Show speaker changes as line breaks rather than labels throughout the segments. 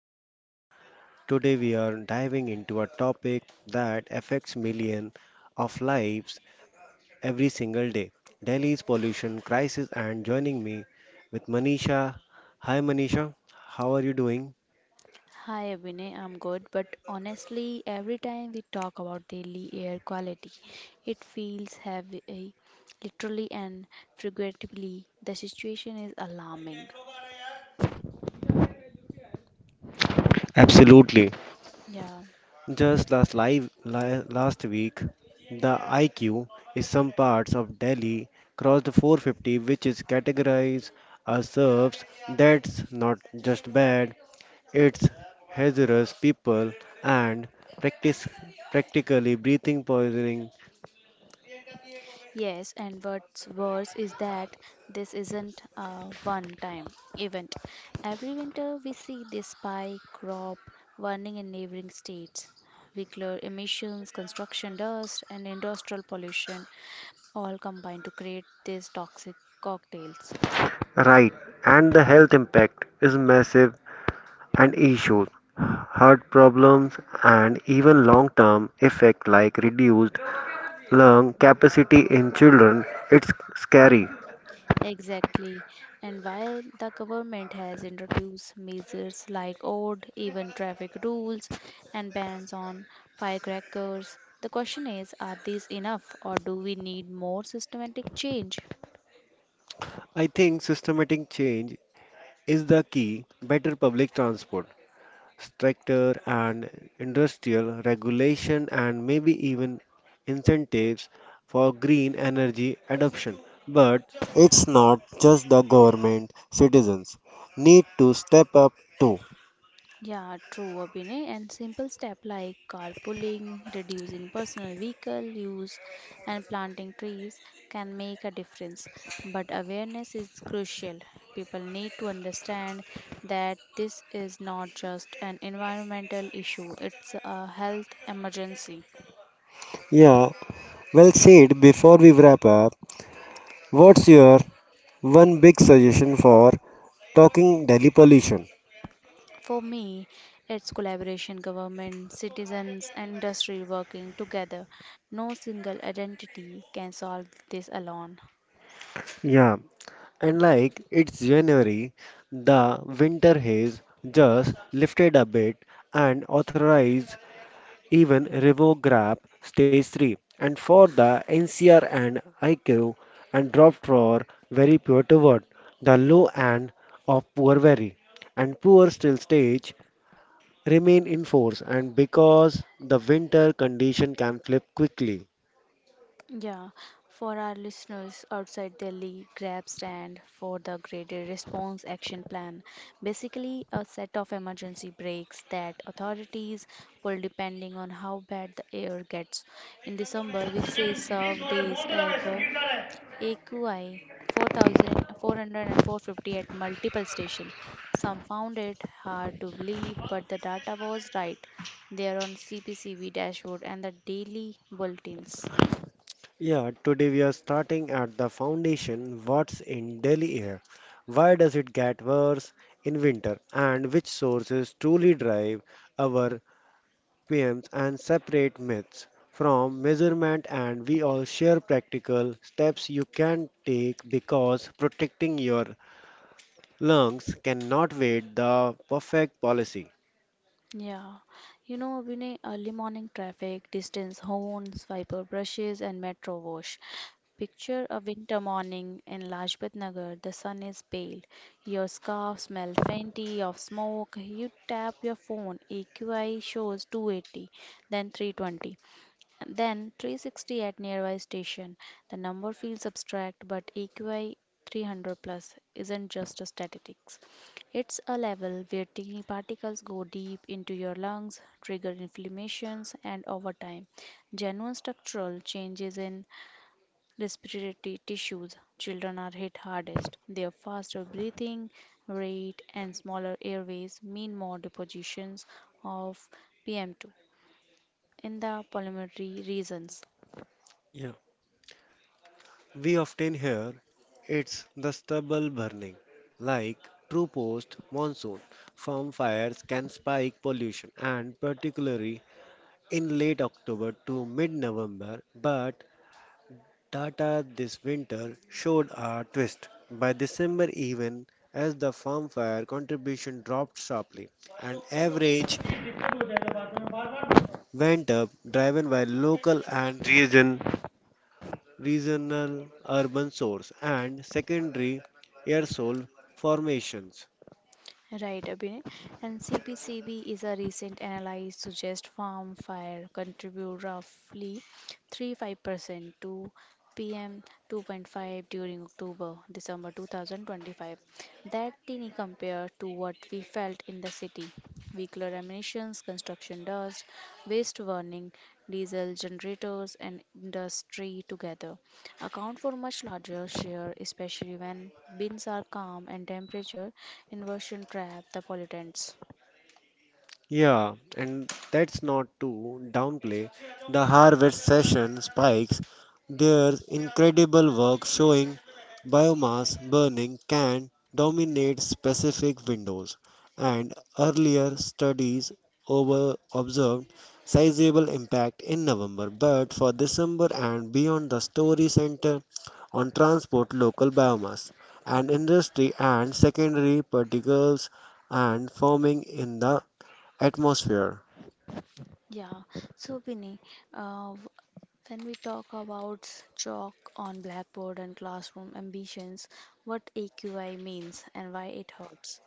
podcast. Today we are diving into a topic that affects millions of lives every single day. Delhi's pollution crisis and joining me with Manisha. Hi Manisha, how are you doing?
Hi Abhinay, I'm good, but honestly, every time we talk about daily air quality, it feels heavy, literally and figuratively. The situation is alarming, you know?
Absolutely.
Yeah.
Just last week, the IQ in some parts of Delhi crossed 450, which is categorized as serves. That's not just bad; it's hazardous. People and practice practically breathing poisoning.
Yes, and what's worse is that this isn't a one time event. Every winter, we see this spike crop warning in neighboring states. Vehicular emissions, construction dust, and industrial pollution all combine to create these toxic cocktails.
Right, and the health impact is massive and issues, heart problems, and even long term effect like reduced lung capacity in children, it's scary.
Exactly. And while the government has introduced measures like odd, even traffic rules, and bans on firecrackers, the question is, are these enough or do we need more systematic change?
I think systematic change is the key. Better public transport, stricter and industrial regulation, and maybe even incentives for green energy adoption. But it's not just the government, citizens need to step up too.
Yeah, true, Abhinay. And simple step like carpooling, reducing personal vehicle use, and planting trees can make a difference. But awareness is crucial. People need to understand that this is not just an environmental issue, it's a health emergency.
Yeah, well said. Before we wrap up, what's your one big suggestion for talking Delhi pollution?
For me, it's collaboration, government, citizens, and industry working together. No single identity can solve this alone.
Yeah, and like it's January, the winter haze just lifted a bit and authorized even revoke grab stage 3 and for the NCR and IQ and dropped for very poor toward the low end of poor very and poor still stage remain in force and because the winter condition can flip quickly.
Yeah, for our listeners outside Delhi, grab stand for the Graded Response Action Plan. Basically, a set of emergency breaks that authorities pull depending on how bad the air gets. In December, we say serve days above AQI 4400 at multiple stations. Some found it hard to believe, but the data was right. They are on CPCB dashboard and the daily bulletins.
Yeah, today we are starting at the foundation. What's in Delhi air? Why does it get worse in winter? And which sources truly drive our PMs and separate myths from measurement? And we all share practical steps you can take because protecting your lungs cannot wait the perfect policy.
Yeah, Vinay, early morning traffic, distance horns, wiper brushes, and metro wash. Picture a winter morning in Lajpat Nagar. The sun is pale. Your scarf smells faintly of smoke. You tap your phone. AQI shows 280, then 320. Then 360 at nearby station. The number feels abstract, but AQI 300 plus isn't just a statistics. It's a level where tiny particles go deep into your lungs, trigger inflammations, and over time, genuine structural changes in respiratory tissues. Children are hit hardest. Their faster breathing rate and smaller airways mean more depositions of PM2 in the pulmonary regions.
Yeah, we often hear it's the stubble burning, like true post monsoon. Farm fires can spike pollution, and particularly in late October to mid November. But Tata this winter showed a twist. By December, even as the farm fire contribution dropped sharply, and average went up, driven by local and regional urban source, and secondary aerosol formations.
Right, Abhinay. And CPCB is a recent analysis suggests farm fire contribute roughly 3-5% to PM 2.5 during October, December 2025. That tiny compared to what we felt in the city vehicular emissions, construction dust, waste burning, diesel generators, and industry together account for much larger share, especially when bins are calm and temperature inversion trap the pollutants.
Yeah, and that's not to downplay the harvest session spikes. Their incredible work showing biomass burning can dominate specific windows, and earlier studies over observed sizable impact in November, but for December and beyond, the story center on transport local biomass and industry and secondary particles and farming in the atmosphere.
Yeah, so Bini, uh, w- when we talk about chalk on blackboard and classroom ambitions, what AQI means and why it hurts.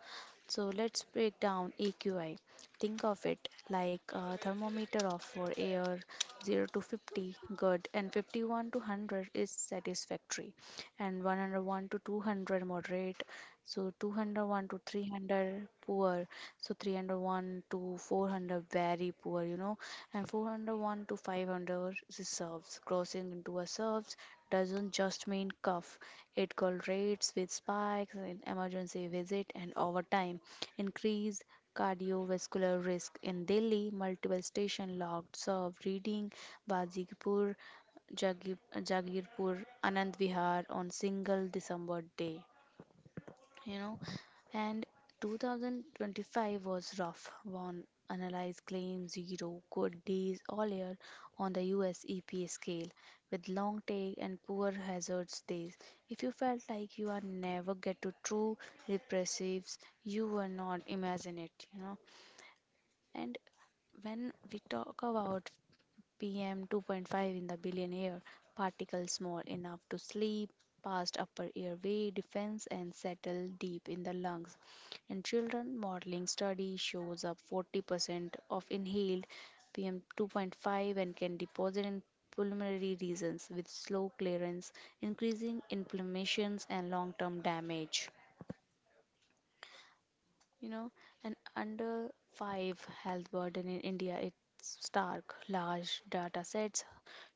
So let's break down AQI. Think of it like a thermometer of for air 0 to 50 good and 51 to 100 is satisfactory and 101 to 200 moderate so 201 to 300 poor so 301 to 400 very poor and 401 to 500 is serves. Crossing into a serves doesn't just mean cuff, it correlates with spikes in emergency visit and overtime increased cardiovascular risk. In Delhi, multiple stations logged serve reading Bajipur, Jagirpur, Anand Vihar on single December day you know. And 2025 was rough. One analyzed claims zero good days all year on the US EPA scale, with long take and poor hazards days. If you felt like you are never get to true repressives, you were not imagine it. And when we talk about PM 2.5 in the billion air, particles small enough to slip past upper airway defense and settle deep in the lungs. In children, modeling study shows up 40% of inhaled PM 2.5 and can deposit in pulmonary regions with slow clearance, increasing inflammations and long-term damage. You know, an under 5 health burden in India, it's stark. Large data sets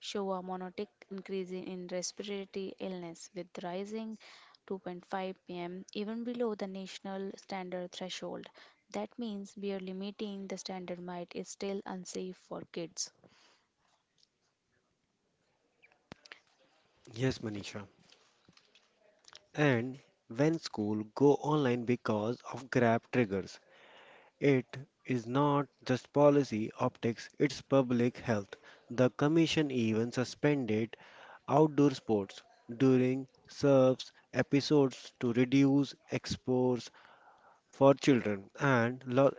show a monotic increase in respiratory illness with rising 2.5 pm even below the national standard threshold. That means barely meeting the standard might is still unsafe for kids.
Yes, Manisha. And when school go online because of Grab triggers, it is not just policy optics, it's public health. The commission even suspended outdoor sports during serves episodes to reduce exposure for children.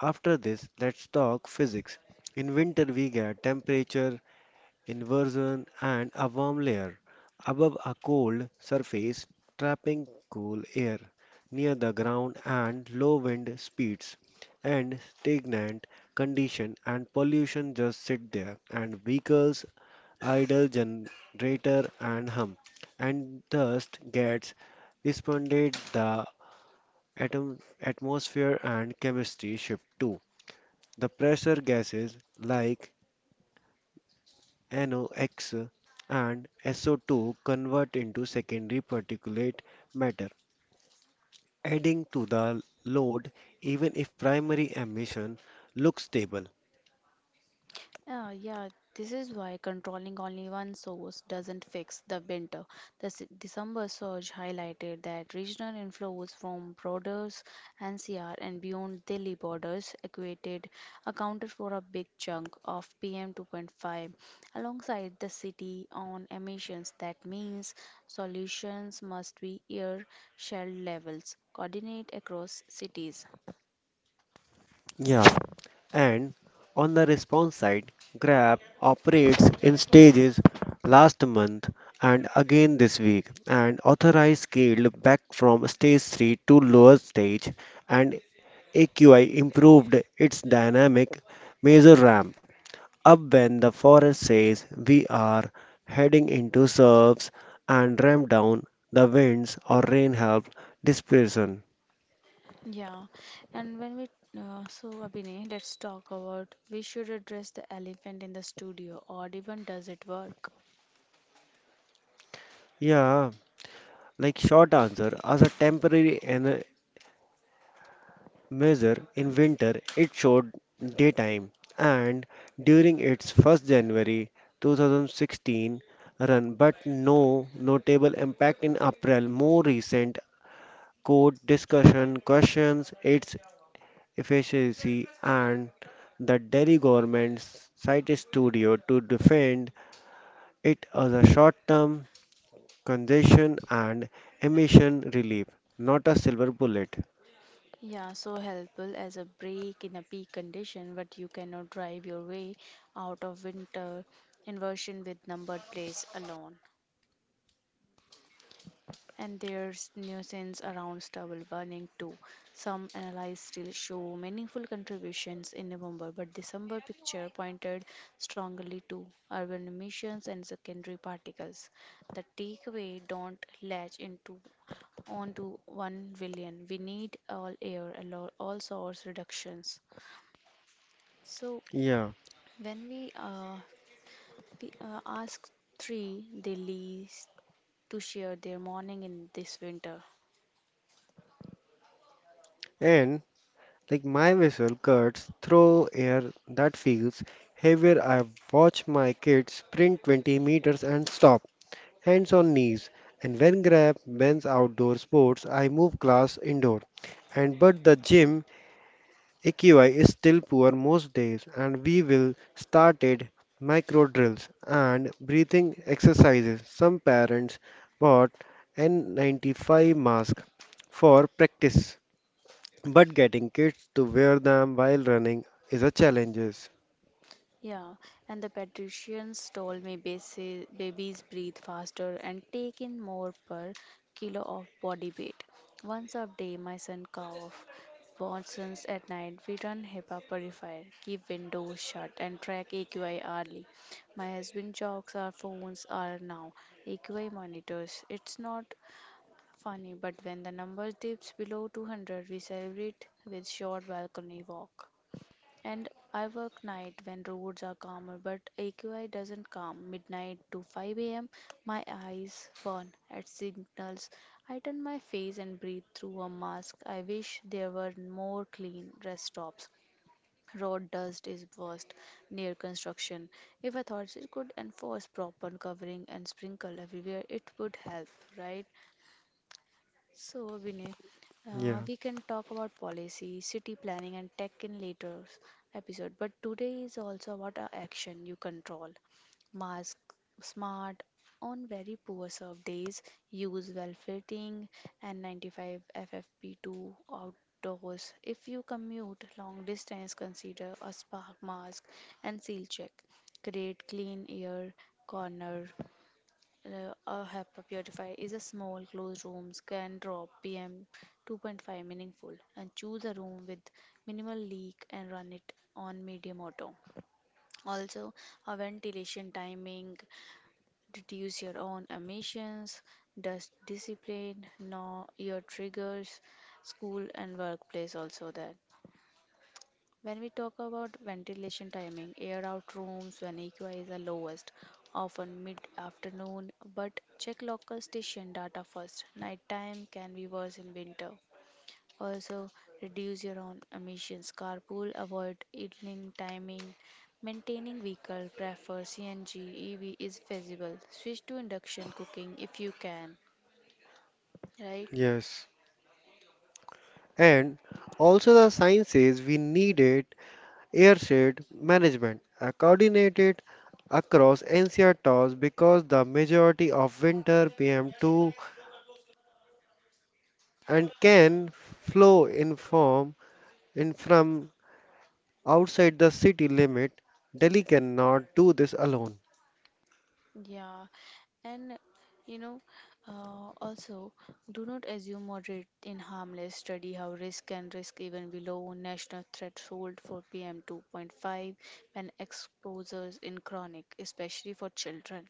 After this, let's talk physics. In winter, we get temperature inversion, and a warm layer above a cold surface, trapping cool air near the ground and low wind speeds and stagnant condition and pollution just sit there and vehicles idle generator and hum and dust gets responded the atom atmosphere and chemistry shift too the pressure gases like NOx and SO2 convert into secondary particulate matter, adding to the load even if primary emission looks stable.
Yeah, yeah, this is why controlling only one source doesn't fix the winter. December surge highlighted that regional inflows from borders, NCR, and beyond Delhi borders equated accounted for a big chunk of PM2.5 alongside the city on emissions. That means solutions must be air shell levels, coordinate across cities.
Yeah. And on the response side, Grab operates in stages last month and again this week and authorized scaled back from stage 3 to lower stage and AQI improved its dynamic measure RAM up when the forest says we are heading into surfs and ram down the winds or rain help dispersion.
Yeah, and when we so Abhinay, let's talk about, we should address the elephant in the studio, or even does it work?
Yeah, like short answer, as a measure in winter, it showed daytime and during its January 1 2016 run, but no notable impact in April. More recent court discussion questions its efficiency and the Delhi government's site studio to defend it as a short-term congestion and emission relief, not a silver bullet.
Yeah, so helpful as a break in a peak condition, but you cannot drive your way out of winter inversion with numbered plates alone. And there's nuisance around stubble burning too. Some analyses still show meaningful contributions in November, but December picture pointed strongly to urban emissions and secondary particles. The takeaway, don't latch into onto one villain. We need all air, all source reductions. So
Yeah,
when we ask three, they least to share their morning in this winter.
and like my whistle cuts through air that feels heavier. I watch my kids sprint 20 meters and stop, hands on knees. And when Grab bans outdoor sports, I move class indoor. And but the gym AQI is still poor most days and we will started micro drills and breathing exercises. Some parents bought N95 masks for practice, but getting kids to wear them while running is a challenge.
Yeah, and the patricians told me babies breathe faster and take in more per kilo of body weight. Once a day, my son cough. Watsons at night, we run HEPA purifier, keep windows shut, and track AQI hourly. My husband jokes our phones are now AQI monitors. It's not funny, but when the number dips below 200, we celebrate with short balcony walk. And I work night when roads are calmer, but AQI doesn't calm. Midnight to 5 a.m., my eyes burn at signals. I turn my face and breathe through a mask. I wish there were more clean rest stops. Road dust is worst near construction. If authorities could enforce proper covering and sprinkle everywhere, it would help, right? So, Vinay,
Yeah,
we can talk about policy, city planning, and tech in later episode. But today is also about a action you control. Mask, smart, on very poor serve days, use well-fitting N95 FFP2 outdoors. If you commute long distance, consider a spark mask and seal check. Create clean air corner, a HEPA purifier is a small closed room can drop PM 2.5 meaningful and choose a room with minimal leak and run it on medium auto. Also, a ventilation timing reduce your own emissions, dust discipline, know your triggers, school and workplace also there. When we talk about ventilation timing, air out rooms when AQI is the lowest, often mid afternoon, but check local station data first. Nighttime can be worse in winter. Also, reduce your own emissions. Carpool, avoid idling timing. Maintaining vehicle, prefer CNG, EV is feasible. Switch to induction cooking if you can, right?
yes. And also the science says we needed airshade management, a coordinated across NCR because the majority of winter PM2 and can flow in form in from outside the city limit. Delhi cannot do this alone.
Yeah, and you know, Also, do not assume moderate in harmless. Study how risk can risk even below national threshold for PM 2.5 when exposures in chronic, especially for children.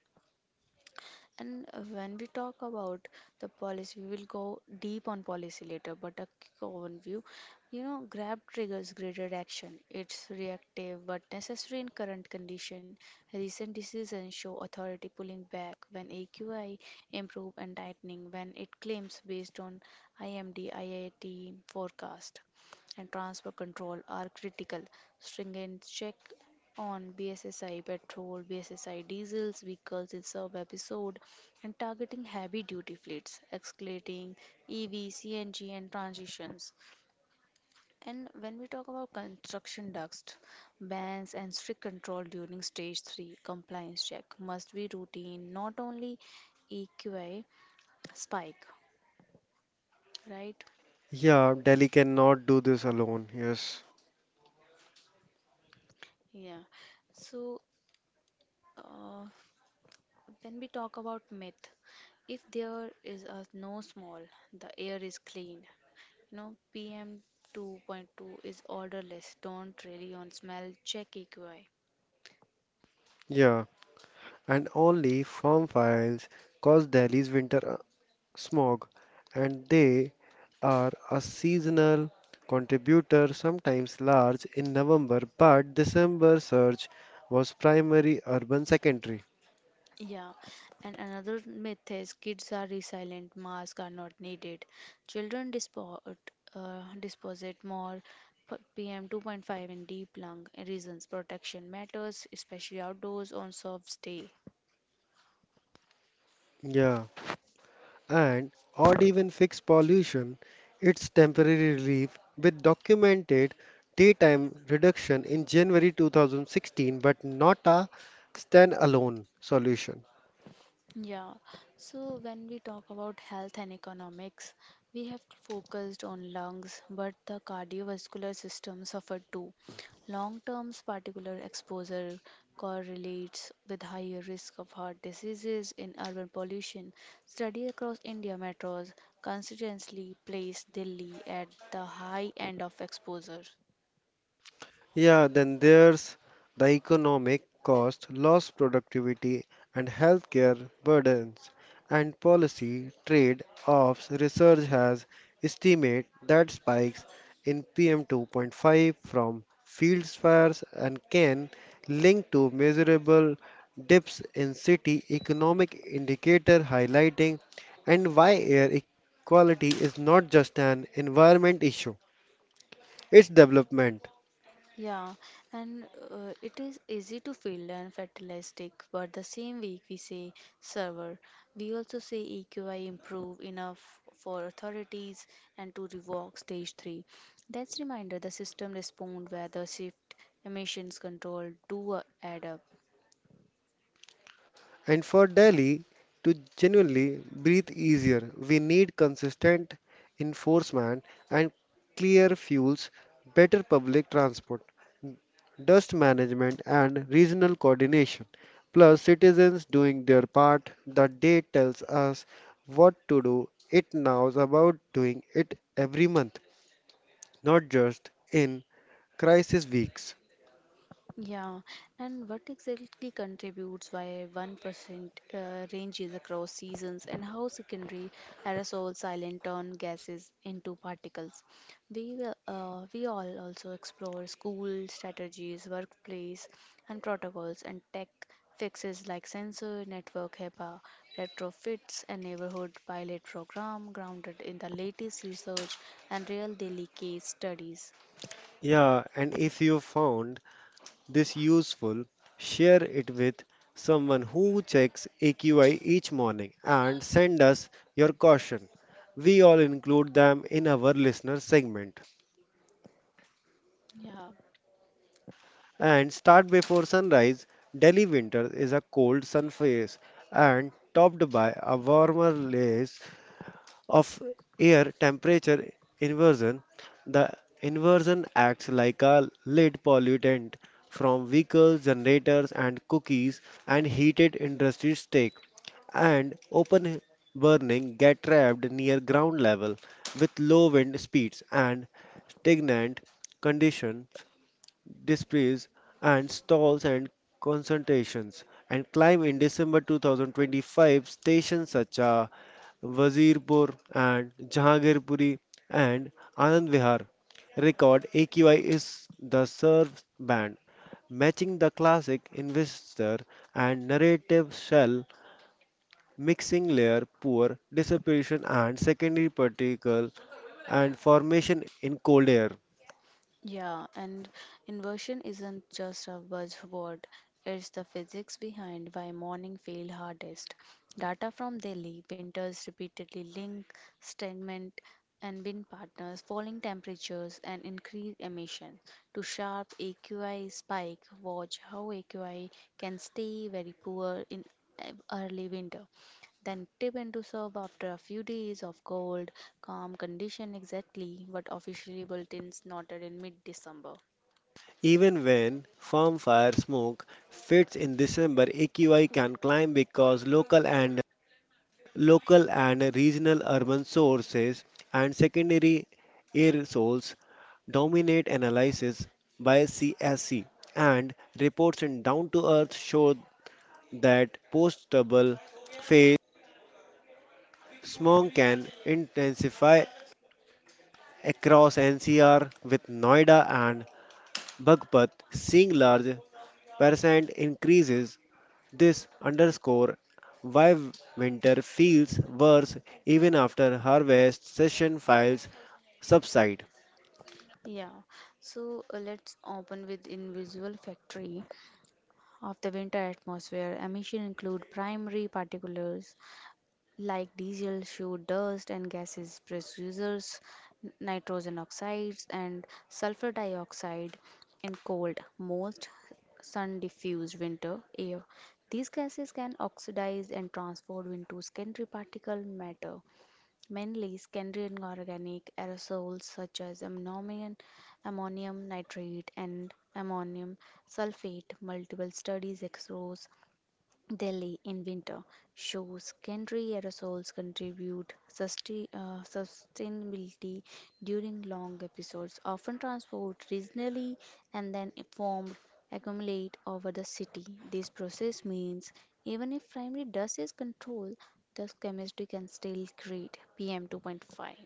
And when we talk about the policy, we will go deep on policy later, but a quick overview. You know, grab triggers graded action. It's reactive but necessary in current condition. Recent decisions show authority pulling back when AQI improve and tightening when it claims based on IMD IIT forecast and transfer control are critical. Stringent check on BSSI petrol, BSSI diesels vehicles in sub episode and targeting heavy duty fleets, escalating EV, CNG and transitions. And when we talk about construction dust, bans and strict control during stage 3 compliance check must be routine, not only EQI spike, right?
Yeah, Delhi cannot do this alone. Yes.
Yeah. So uh, when we talk about myth, if there is a no small, the air is clean. No, PM 2.2 is odorless. Don't really on smell. Check EQI.
Yeah, and only farm fires cause Delhi's winter smog, and they are a seasonal contributor, sometimes large in November, but December surge was primary urban secondary.
Yeah, and another myth is kids are resilient, masks are not needed. Children dispo deposit more PM 2.5 in deep lung reasons. Protection matters, especially outdoors on soft day.
Yeah. And or even fix pollution, its temporary relief with documented daytime reduction in January 2016, but not a standalone solution.
Yeah, so when we talk about health and economics, we have focused on lungs, but the cardiovascular system suffered too. Long term particular exposure correlates with higher risk of heart diseases in urban pollution. Study across India metros consistently placed Delhi at the high end of exposure.
Yeah, then there's the economic cost, lost productivity, and healthcare burdens, and policy trade-offs. Research has estimated that spikes in PM2.5 from field fires and can link to measurable dips in city economic indicator highlighting and why air quality is not just an environment issue, it's development.
Yeah, and it is easy to feel and fatalistic, but the same week we say server. We also say EQI improve enough for authorities and to revoke stage 3. That's reminder the system respond where the shift emissions control do add up.
And for Delhi to genuinely breathe easier, we need consistent enforcement and clear fuels, better public transport, dust management, and regional coordination. Plus, citizens doing their part. The day tells us what to do. It now is about doing it every month, not just in crisis weeks.
Yeah, and what exactly contributes why 1% ranges across seasons and how secondary aerosol silent turn gases into particles. We all also explore school strategies, workplace and protocols and tech fixes like sensor network HEPA retrofits and neighborhood pilot program grounded in the latest research and real daily case studies.
Yeah, and if you found this useful, share it with someone who checks AQI each morning and send us your caution. We all include them in our listener segment.
Yeah.
And start before sunrise. Delhi winter is a cold sun phase and topped by a warmer layer of air temperature inversion, the inversion acts like a lead pollutant from vehicles, generators, and cookies and heated industry stake and open burning get trapped near ground level with low wind speeds and stagnant condition displays and stalls and concentrations and climb in December 2025 stations such as Wazirpur and Jahangirpuri and Anand Vihar record AQI is the surf band matching the classic investor and narrative shell mixing layer poor dissipation and secondary particle and formation in cold air.
Yeah, and inversion isn't just a buzzword, it's the physics behind why morning feel hardest. Data from Delhi winters repeatedly link stagnant and wind patterns, falling temperatures, and increased emission to sharp AQI spike. Watch how AQI can stay very poor in early winter. Then tip into serve after a few days of cold, calm condition exactly what officially bulletins noted in mid-December.
Even when farm fire smoke fits in December, AQI can climb because local and regional urban sources and secondary air sources dominate analysis by CSC and reports in down to earth show that post double phase smog can intensify across NCR with Noida and Bagpat seeing large percent increases. This underscores why winter feels worse even after harvest session files subside.
Yeah, so let's open with invisible factory of the winter atmosphere. Emission include primary particulates. Like diesel shoe dust and gases, precursors, nitrogen oxides, and sulfur dioxide in cold, moist, sun diffused winter air. These gases can oxidize and transform into secondary particle matter, mainly secondary inorganic aerosols such as ammonium, ammonium nitrate, and ammonium sulfate. Multiple studies expose Delhi in winter shows secondary aerosols contribute sustainability during long episodes, often transport regionally and then formed accumulate over the city. This process means even if primary dust is controlled, the chemistry can still create PM 2.5.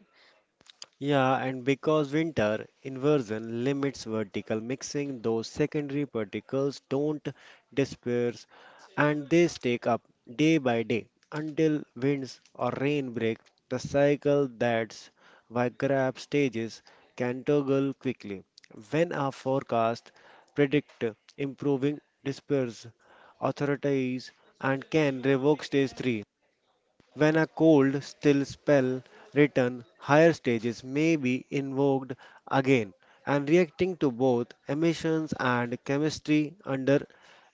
Yeah, and because winter inversion limits vertical mixing, those secondary particles don't disperse and they stack up day by day until winds or rain break the cycle that's why grab stages can toggle quickly. When a forecast predict improving disperse authorities and can revoke stage 3 when a cold, still spell return, higher stages may be invoked again and reacting to both emissions and chemistry under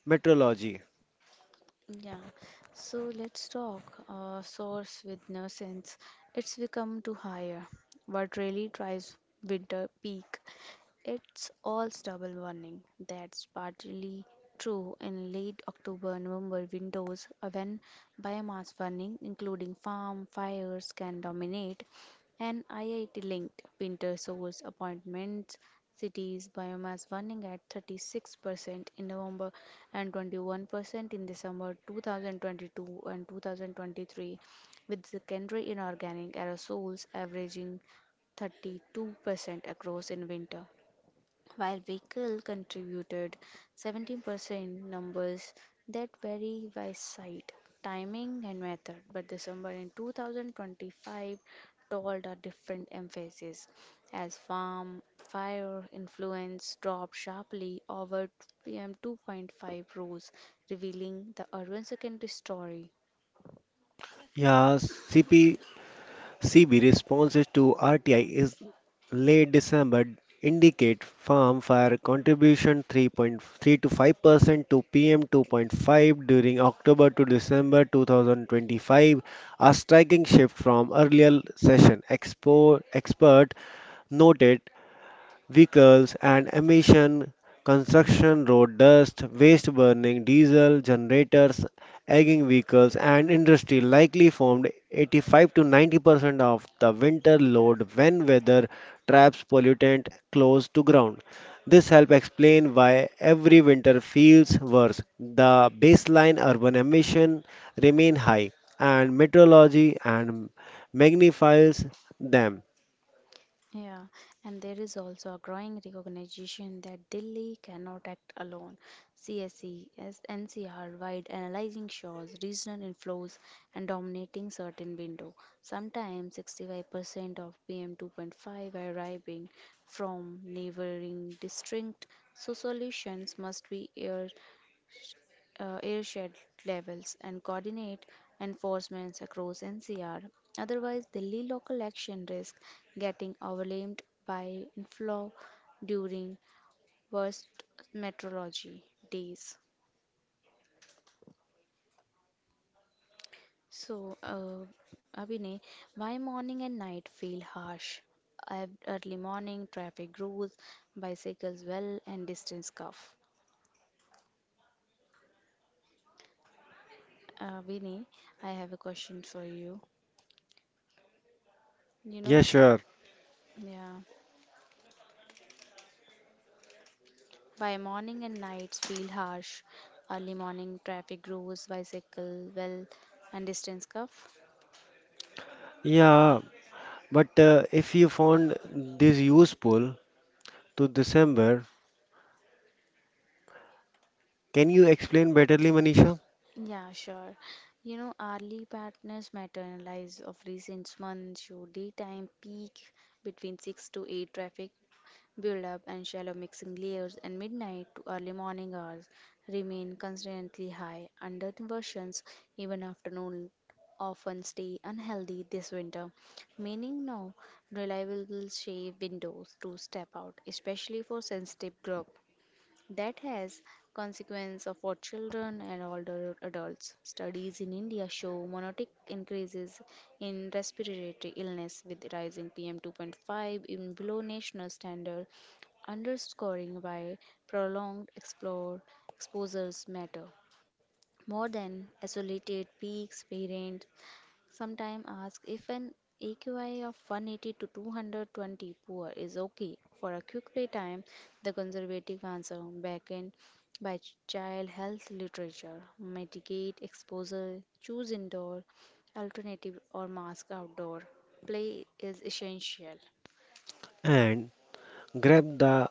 metrology.
Yeah, so let's talk source with nuisance. It's become too higher. What really drives winter peak? It's all's double warning. That's partly true in late October, November windows when biomass burning, including farm fires, can dominate, and IIT linked winter source appointments cities biomass burning at 36% in November and 21% in December 2022 and 2023, with secondary inorganic aerosols averaging 32% across in winter, while vehicle contributed 17%, numbers that vary by site, timing and method, but December in 2025 told a different emphasis as farm fire influence dropped sharply over PM 2.5 rose, revealing the urban secondary story.
Yes, CP CB responses to RTI is late December indicate farm fire contribution 3.3 to 5% to PM 2.5 during October to December 2025, a striking shift from earlier session. Expert noted vehicles and emission, construction, road dust, waste burning, diesel generators, aging vehicles, and industry likely formed 85 to 90% of the winter load when weather traps pollutant close to ground. This helps explain why every winter feels worse. The baseline urban emission remain high, and meteorology and magnifies them.
Yeah, and there is also a growing recognition that Delhi cannot act alone. CSE, as NCR wide analyzing shows, regional inflows, and dominating certain window. Sometimes 65% of PM2.5 arriving from neighboring district, so solutions must be aired, airshed levels and coordinate enforcements across NCR. Otherwise, Delhi local action risks getting overwhelmed by inflow during worst meteorology days. So, Abhinay, why morning and night feel harsh? Early morning traffic grows, bicycles well, and distance cough. Vinay, I have a question for you. You
Yeah,
know,
sure.
yeah. Why morning and nights feel harsh, early morning traffic grows, bicycle, well, and distance cuff?
Yeah, But if you found this useful to December, can you explain betterly, Manisha?
Yeah, sure. You know, early partners maternalize of recent months show daytime peak between 6 to 8 traffic build up and shallow mixing layers, and midnight to early morning hours remain constantly high under versions. Even afternoon often stay unhealthy this winter, meaning no reliable shade windows to step out, especially for sensitive group that has consequence of for children and older adults. Studies in India show monotic increases in respiratory illness with rising PM2.5 in below national standard, underscoring why prolonged explore exposures matter. More than isolated peaks, parents sometime ask if an AQI of 180 to 220 poor is okay for a quick playtime. The conservative answer backed by child health literature. Mitigate exposure, choose indoor alternative or mask outdoor. Play is essential.
And grab the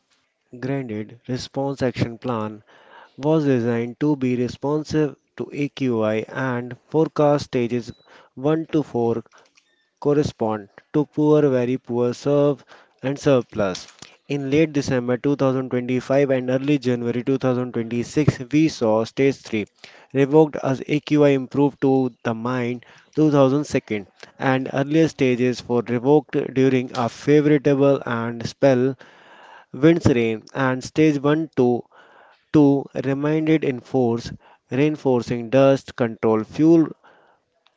granted response action plan was designed to be responsive to AQI and forecast stages 1 to 4 correspond to poor, very poor, serve, and surplus. In late December 2025 and early January 2026, we saw stage 3 revoked as AQI improved to the mine 2002 and earlier stages for revoked during a favorable and spell winds rain and stage 1 to 2 remained in force reinforcing dust control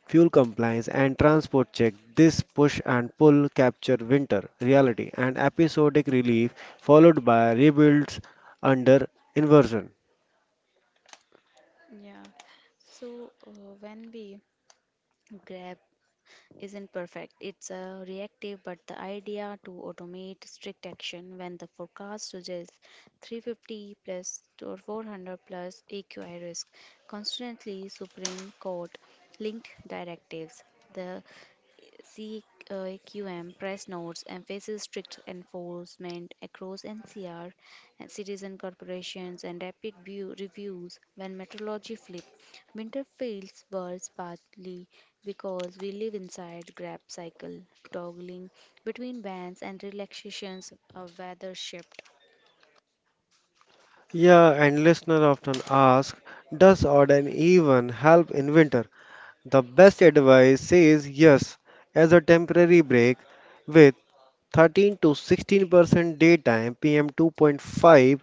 fuel compliance, and transport check. This push and pull capture winter reality and episodic relief followed by rebuilds under inversion.
Yeah. So when we grab isn't perfect. It's a reactive, but the idea to automate strict action when the forecast suggests 350 plus or 400 plus AQI risk, constantly Supreme Court linked directives. The CQM press notes emphasizes strict enforcement across NCR and citizen corporations and rapid view reviews when methodology flipped. Winter feels worse partly because we live inside grab cycle, toggling between bans and relaxations of weather shift.
Yeah, and listeners often ask, does Odin even help in winter? The best advice says yes, as a temporary break with 13 to 16% daytime PM 2.5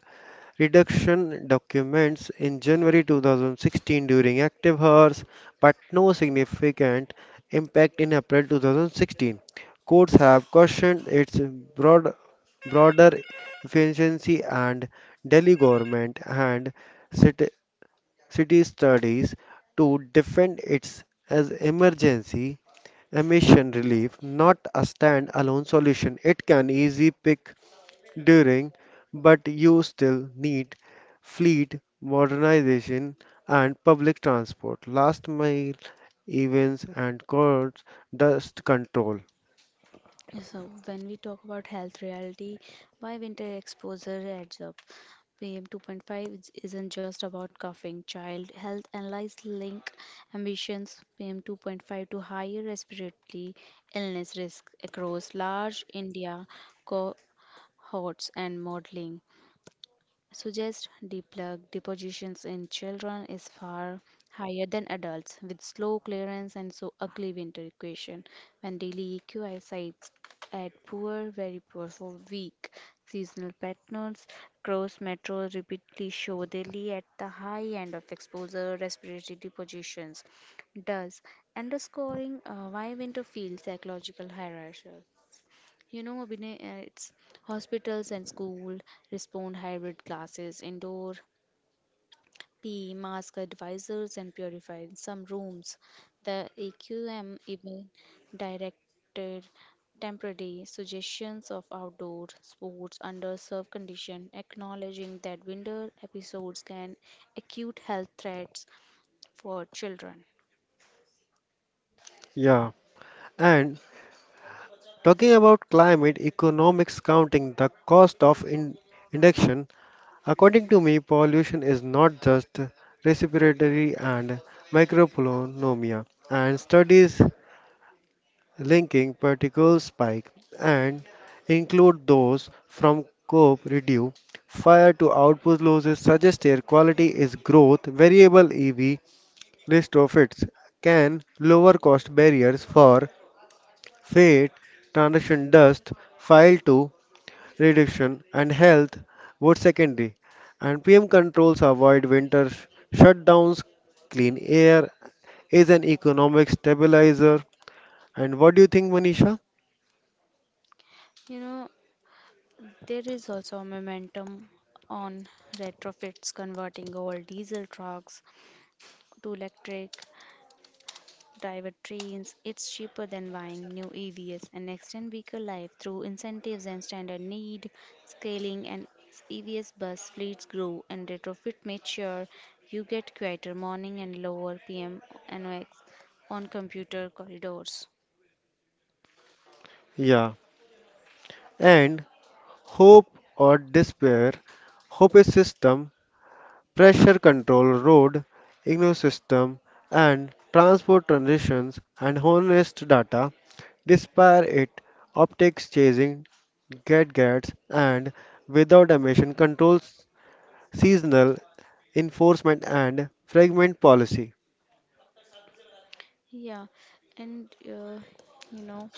reduction documents in January 2016 during active hours, but no significant impact in April 2016. Courts have cautioned its broad, broader efficiency and Delhi government and city, city studies to defend its as emergency emission relief, not a standalone solution. It can easy pick during, but you still need fleet modernization and public transport, last mile events and courts, dust control.
So when we talk about health reality, why winter exposure adds up. PM 2.5 isn't just about coughing. Child health analysis link ambitions PM 2.5 to higher respiratory illness risk across large India cohorts and modeling suggests deplug depositions in children is far higher than adults, with slow clearance and so ugly winter equation. When daily EQI sites at poor, very poor for weak seasonal patterns, cross metros repeatedly show daily at the high end of exposure respiratory depositions. Thus, underscoring why winter feels psychological hierarchical. You know, Abhinay, it's hospitals and school respond hybrid classes, indoor PE, mask advisors, and purified some rooms. The AQM even directed temporary suggestions of outdoor sports under serve condition, acknowledging that winter episodes can acute health threats for children.
Yeah. And talking about climate economics counting the cost of induction, according to me, pollution is not just respiratory and microponomia. And studies linking particle spike and include those from cope reduce fire to output losses suggest air quality is growth variable EV list of its can lower cost barriers for fate transition dust file to reduction and health wood secondary and PM controls avoid winter shutdowns clean air is an economic stabilizer and what do you think Manisha?
You know, there is also a momentum on retrofits converting old diesel trucks to electric private trains. It's cheaper than buying new EVs and extend vehicle life through incentives and standard need scaling, and EVs bus fleets grow and retrofit mature. You get quieter morning and lower PM NOx on computer corridors.
Yeah. And hope or despair. Hope is system, pressure control, road, ecosystem, and transport transitions and honest data. Despair it, optics chasing gadgets and without emission controls, seasonal enforcement and fragment policy.
Yeah, and you know.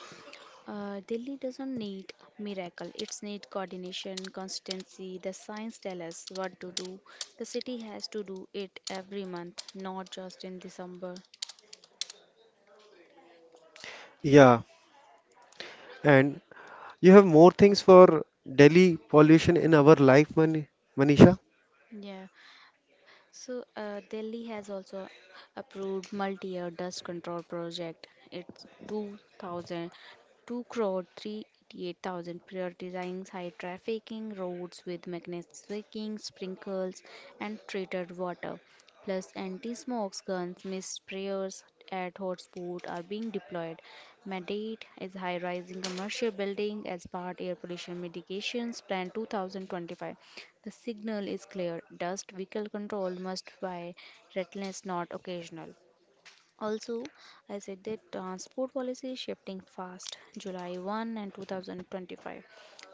Delhi doesn't need miracle. It's need coordination, consistency. The science tell us what to do. The city has to do it every month, not just in December.
Yeah, and you have more things for Delhi pollution in our life, Manisha?
Yeah. So Delhi has also approved multi-year dust control project. It's 2,000, 2 crore 388,000 prioritizing high trafficking roads with magnetic switching, sprinkles, and treated water. Plus, anti-smokes guns, mist sprayers at hotspots are being deployed. Mandate is high-rising commercial building as part air pollution mitigations plan 2025. The signal is clear: dust vehicle control must be relentless, not occasional. Also, I said that transport policy is shifting fast. July 1 and 2025.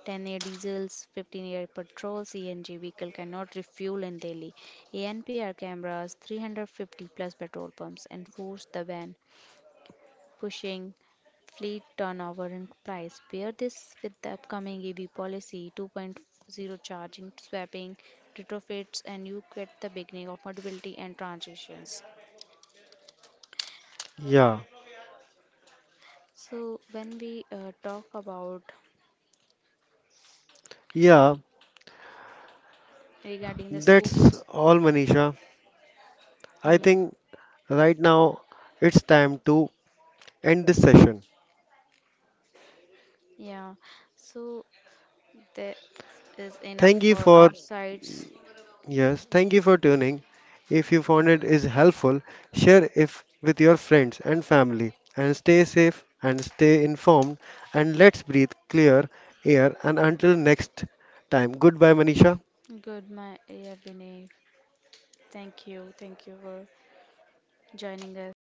10-year diesels, 15-year petrol, CNG vehicle cannot refuel in Delhi. ANPR cameras, 350 plus petrol pumps enforce the ban, pushing fleet turnover and price. Pair this with the upcoming EV policy, 2.0 charging, swapping, retrofits, and you get the beginning of mobility and transitions.
Yeah,
So when we talk about
yeah.
regarding the
That's
schools,
all, Manisha. I
yeah,
think right now it's time to end this session.
yeah, so there is enough
Thank you
for
for
our sides.
Yes, thank you for tuning. If you found it is helpful, share it with your friends and family and stay safe and stay informed and let's breathe clear air and until next time. Goodbye Manisha.
Good, my yeah, Vinay. Thank you for joining us.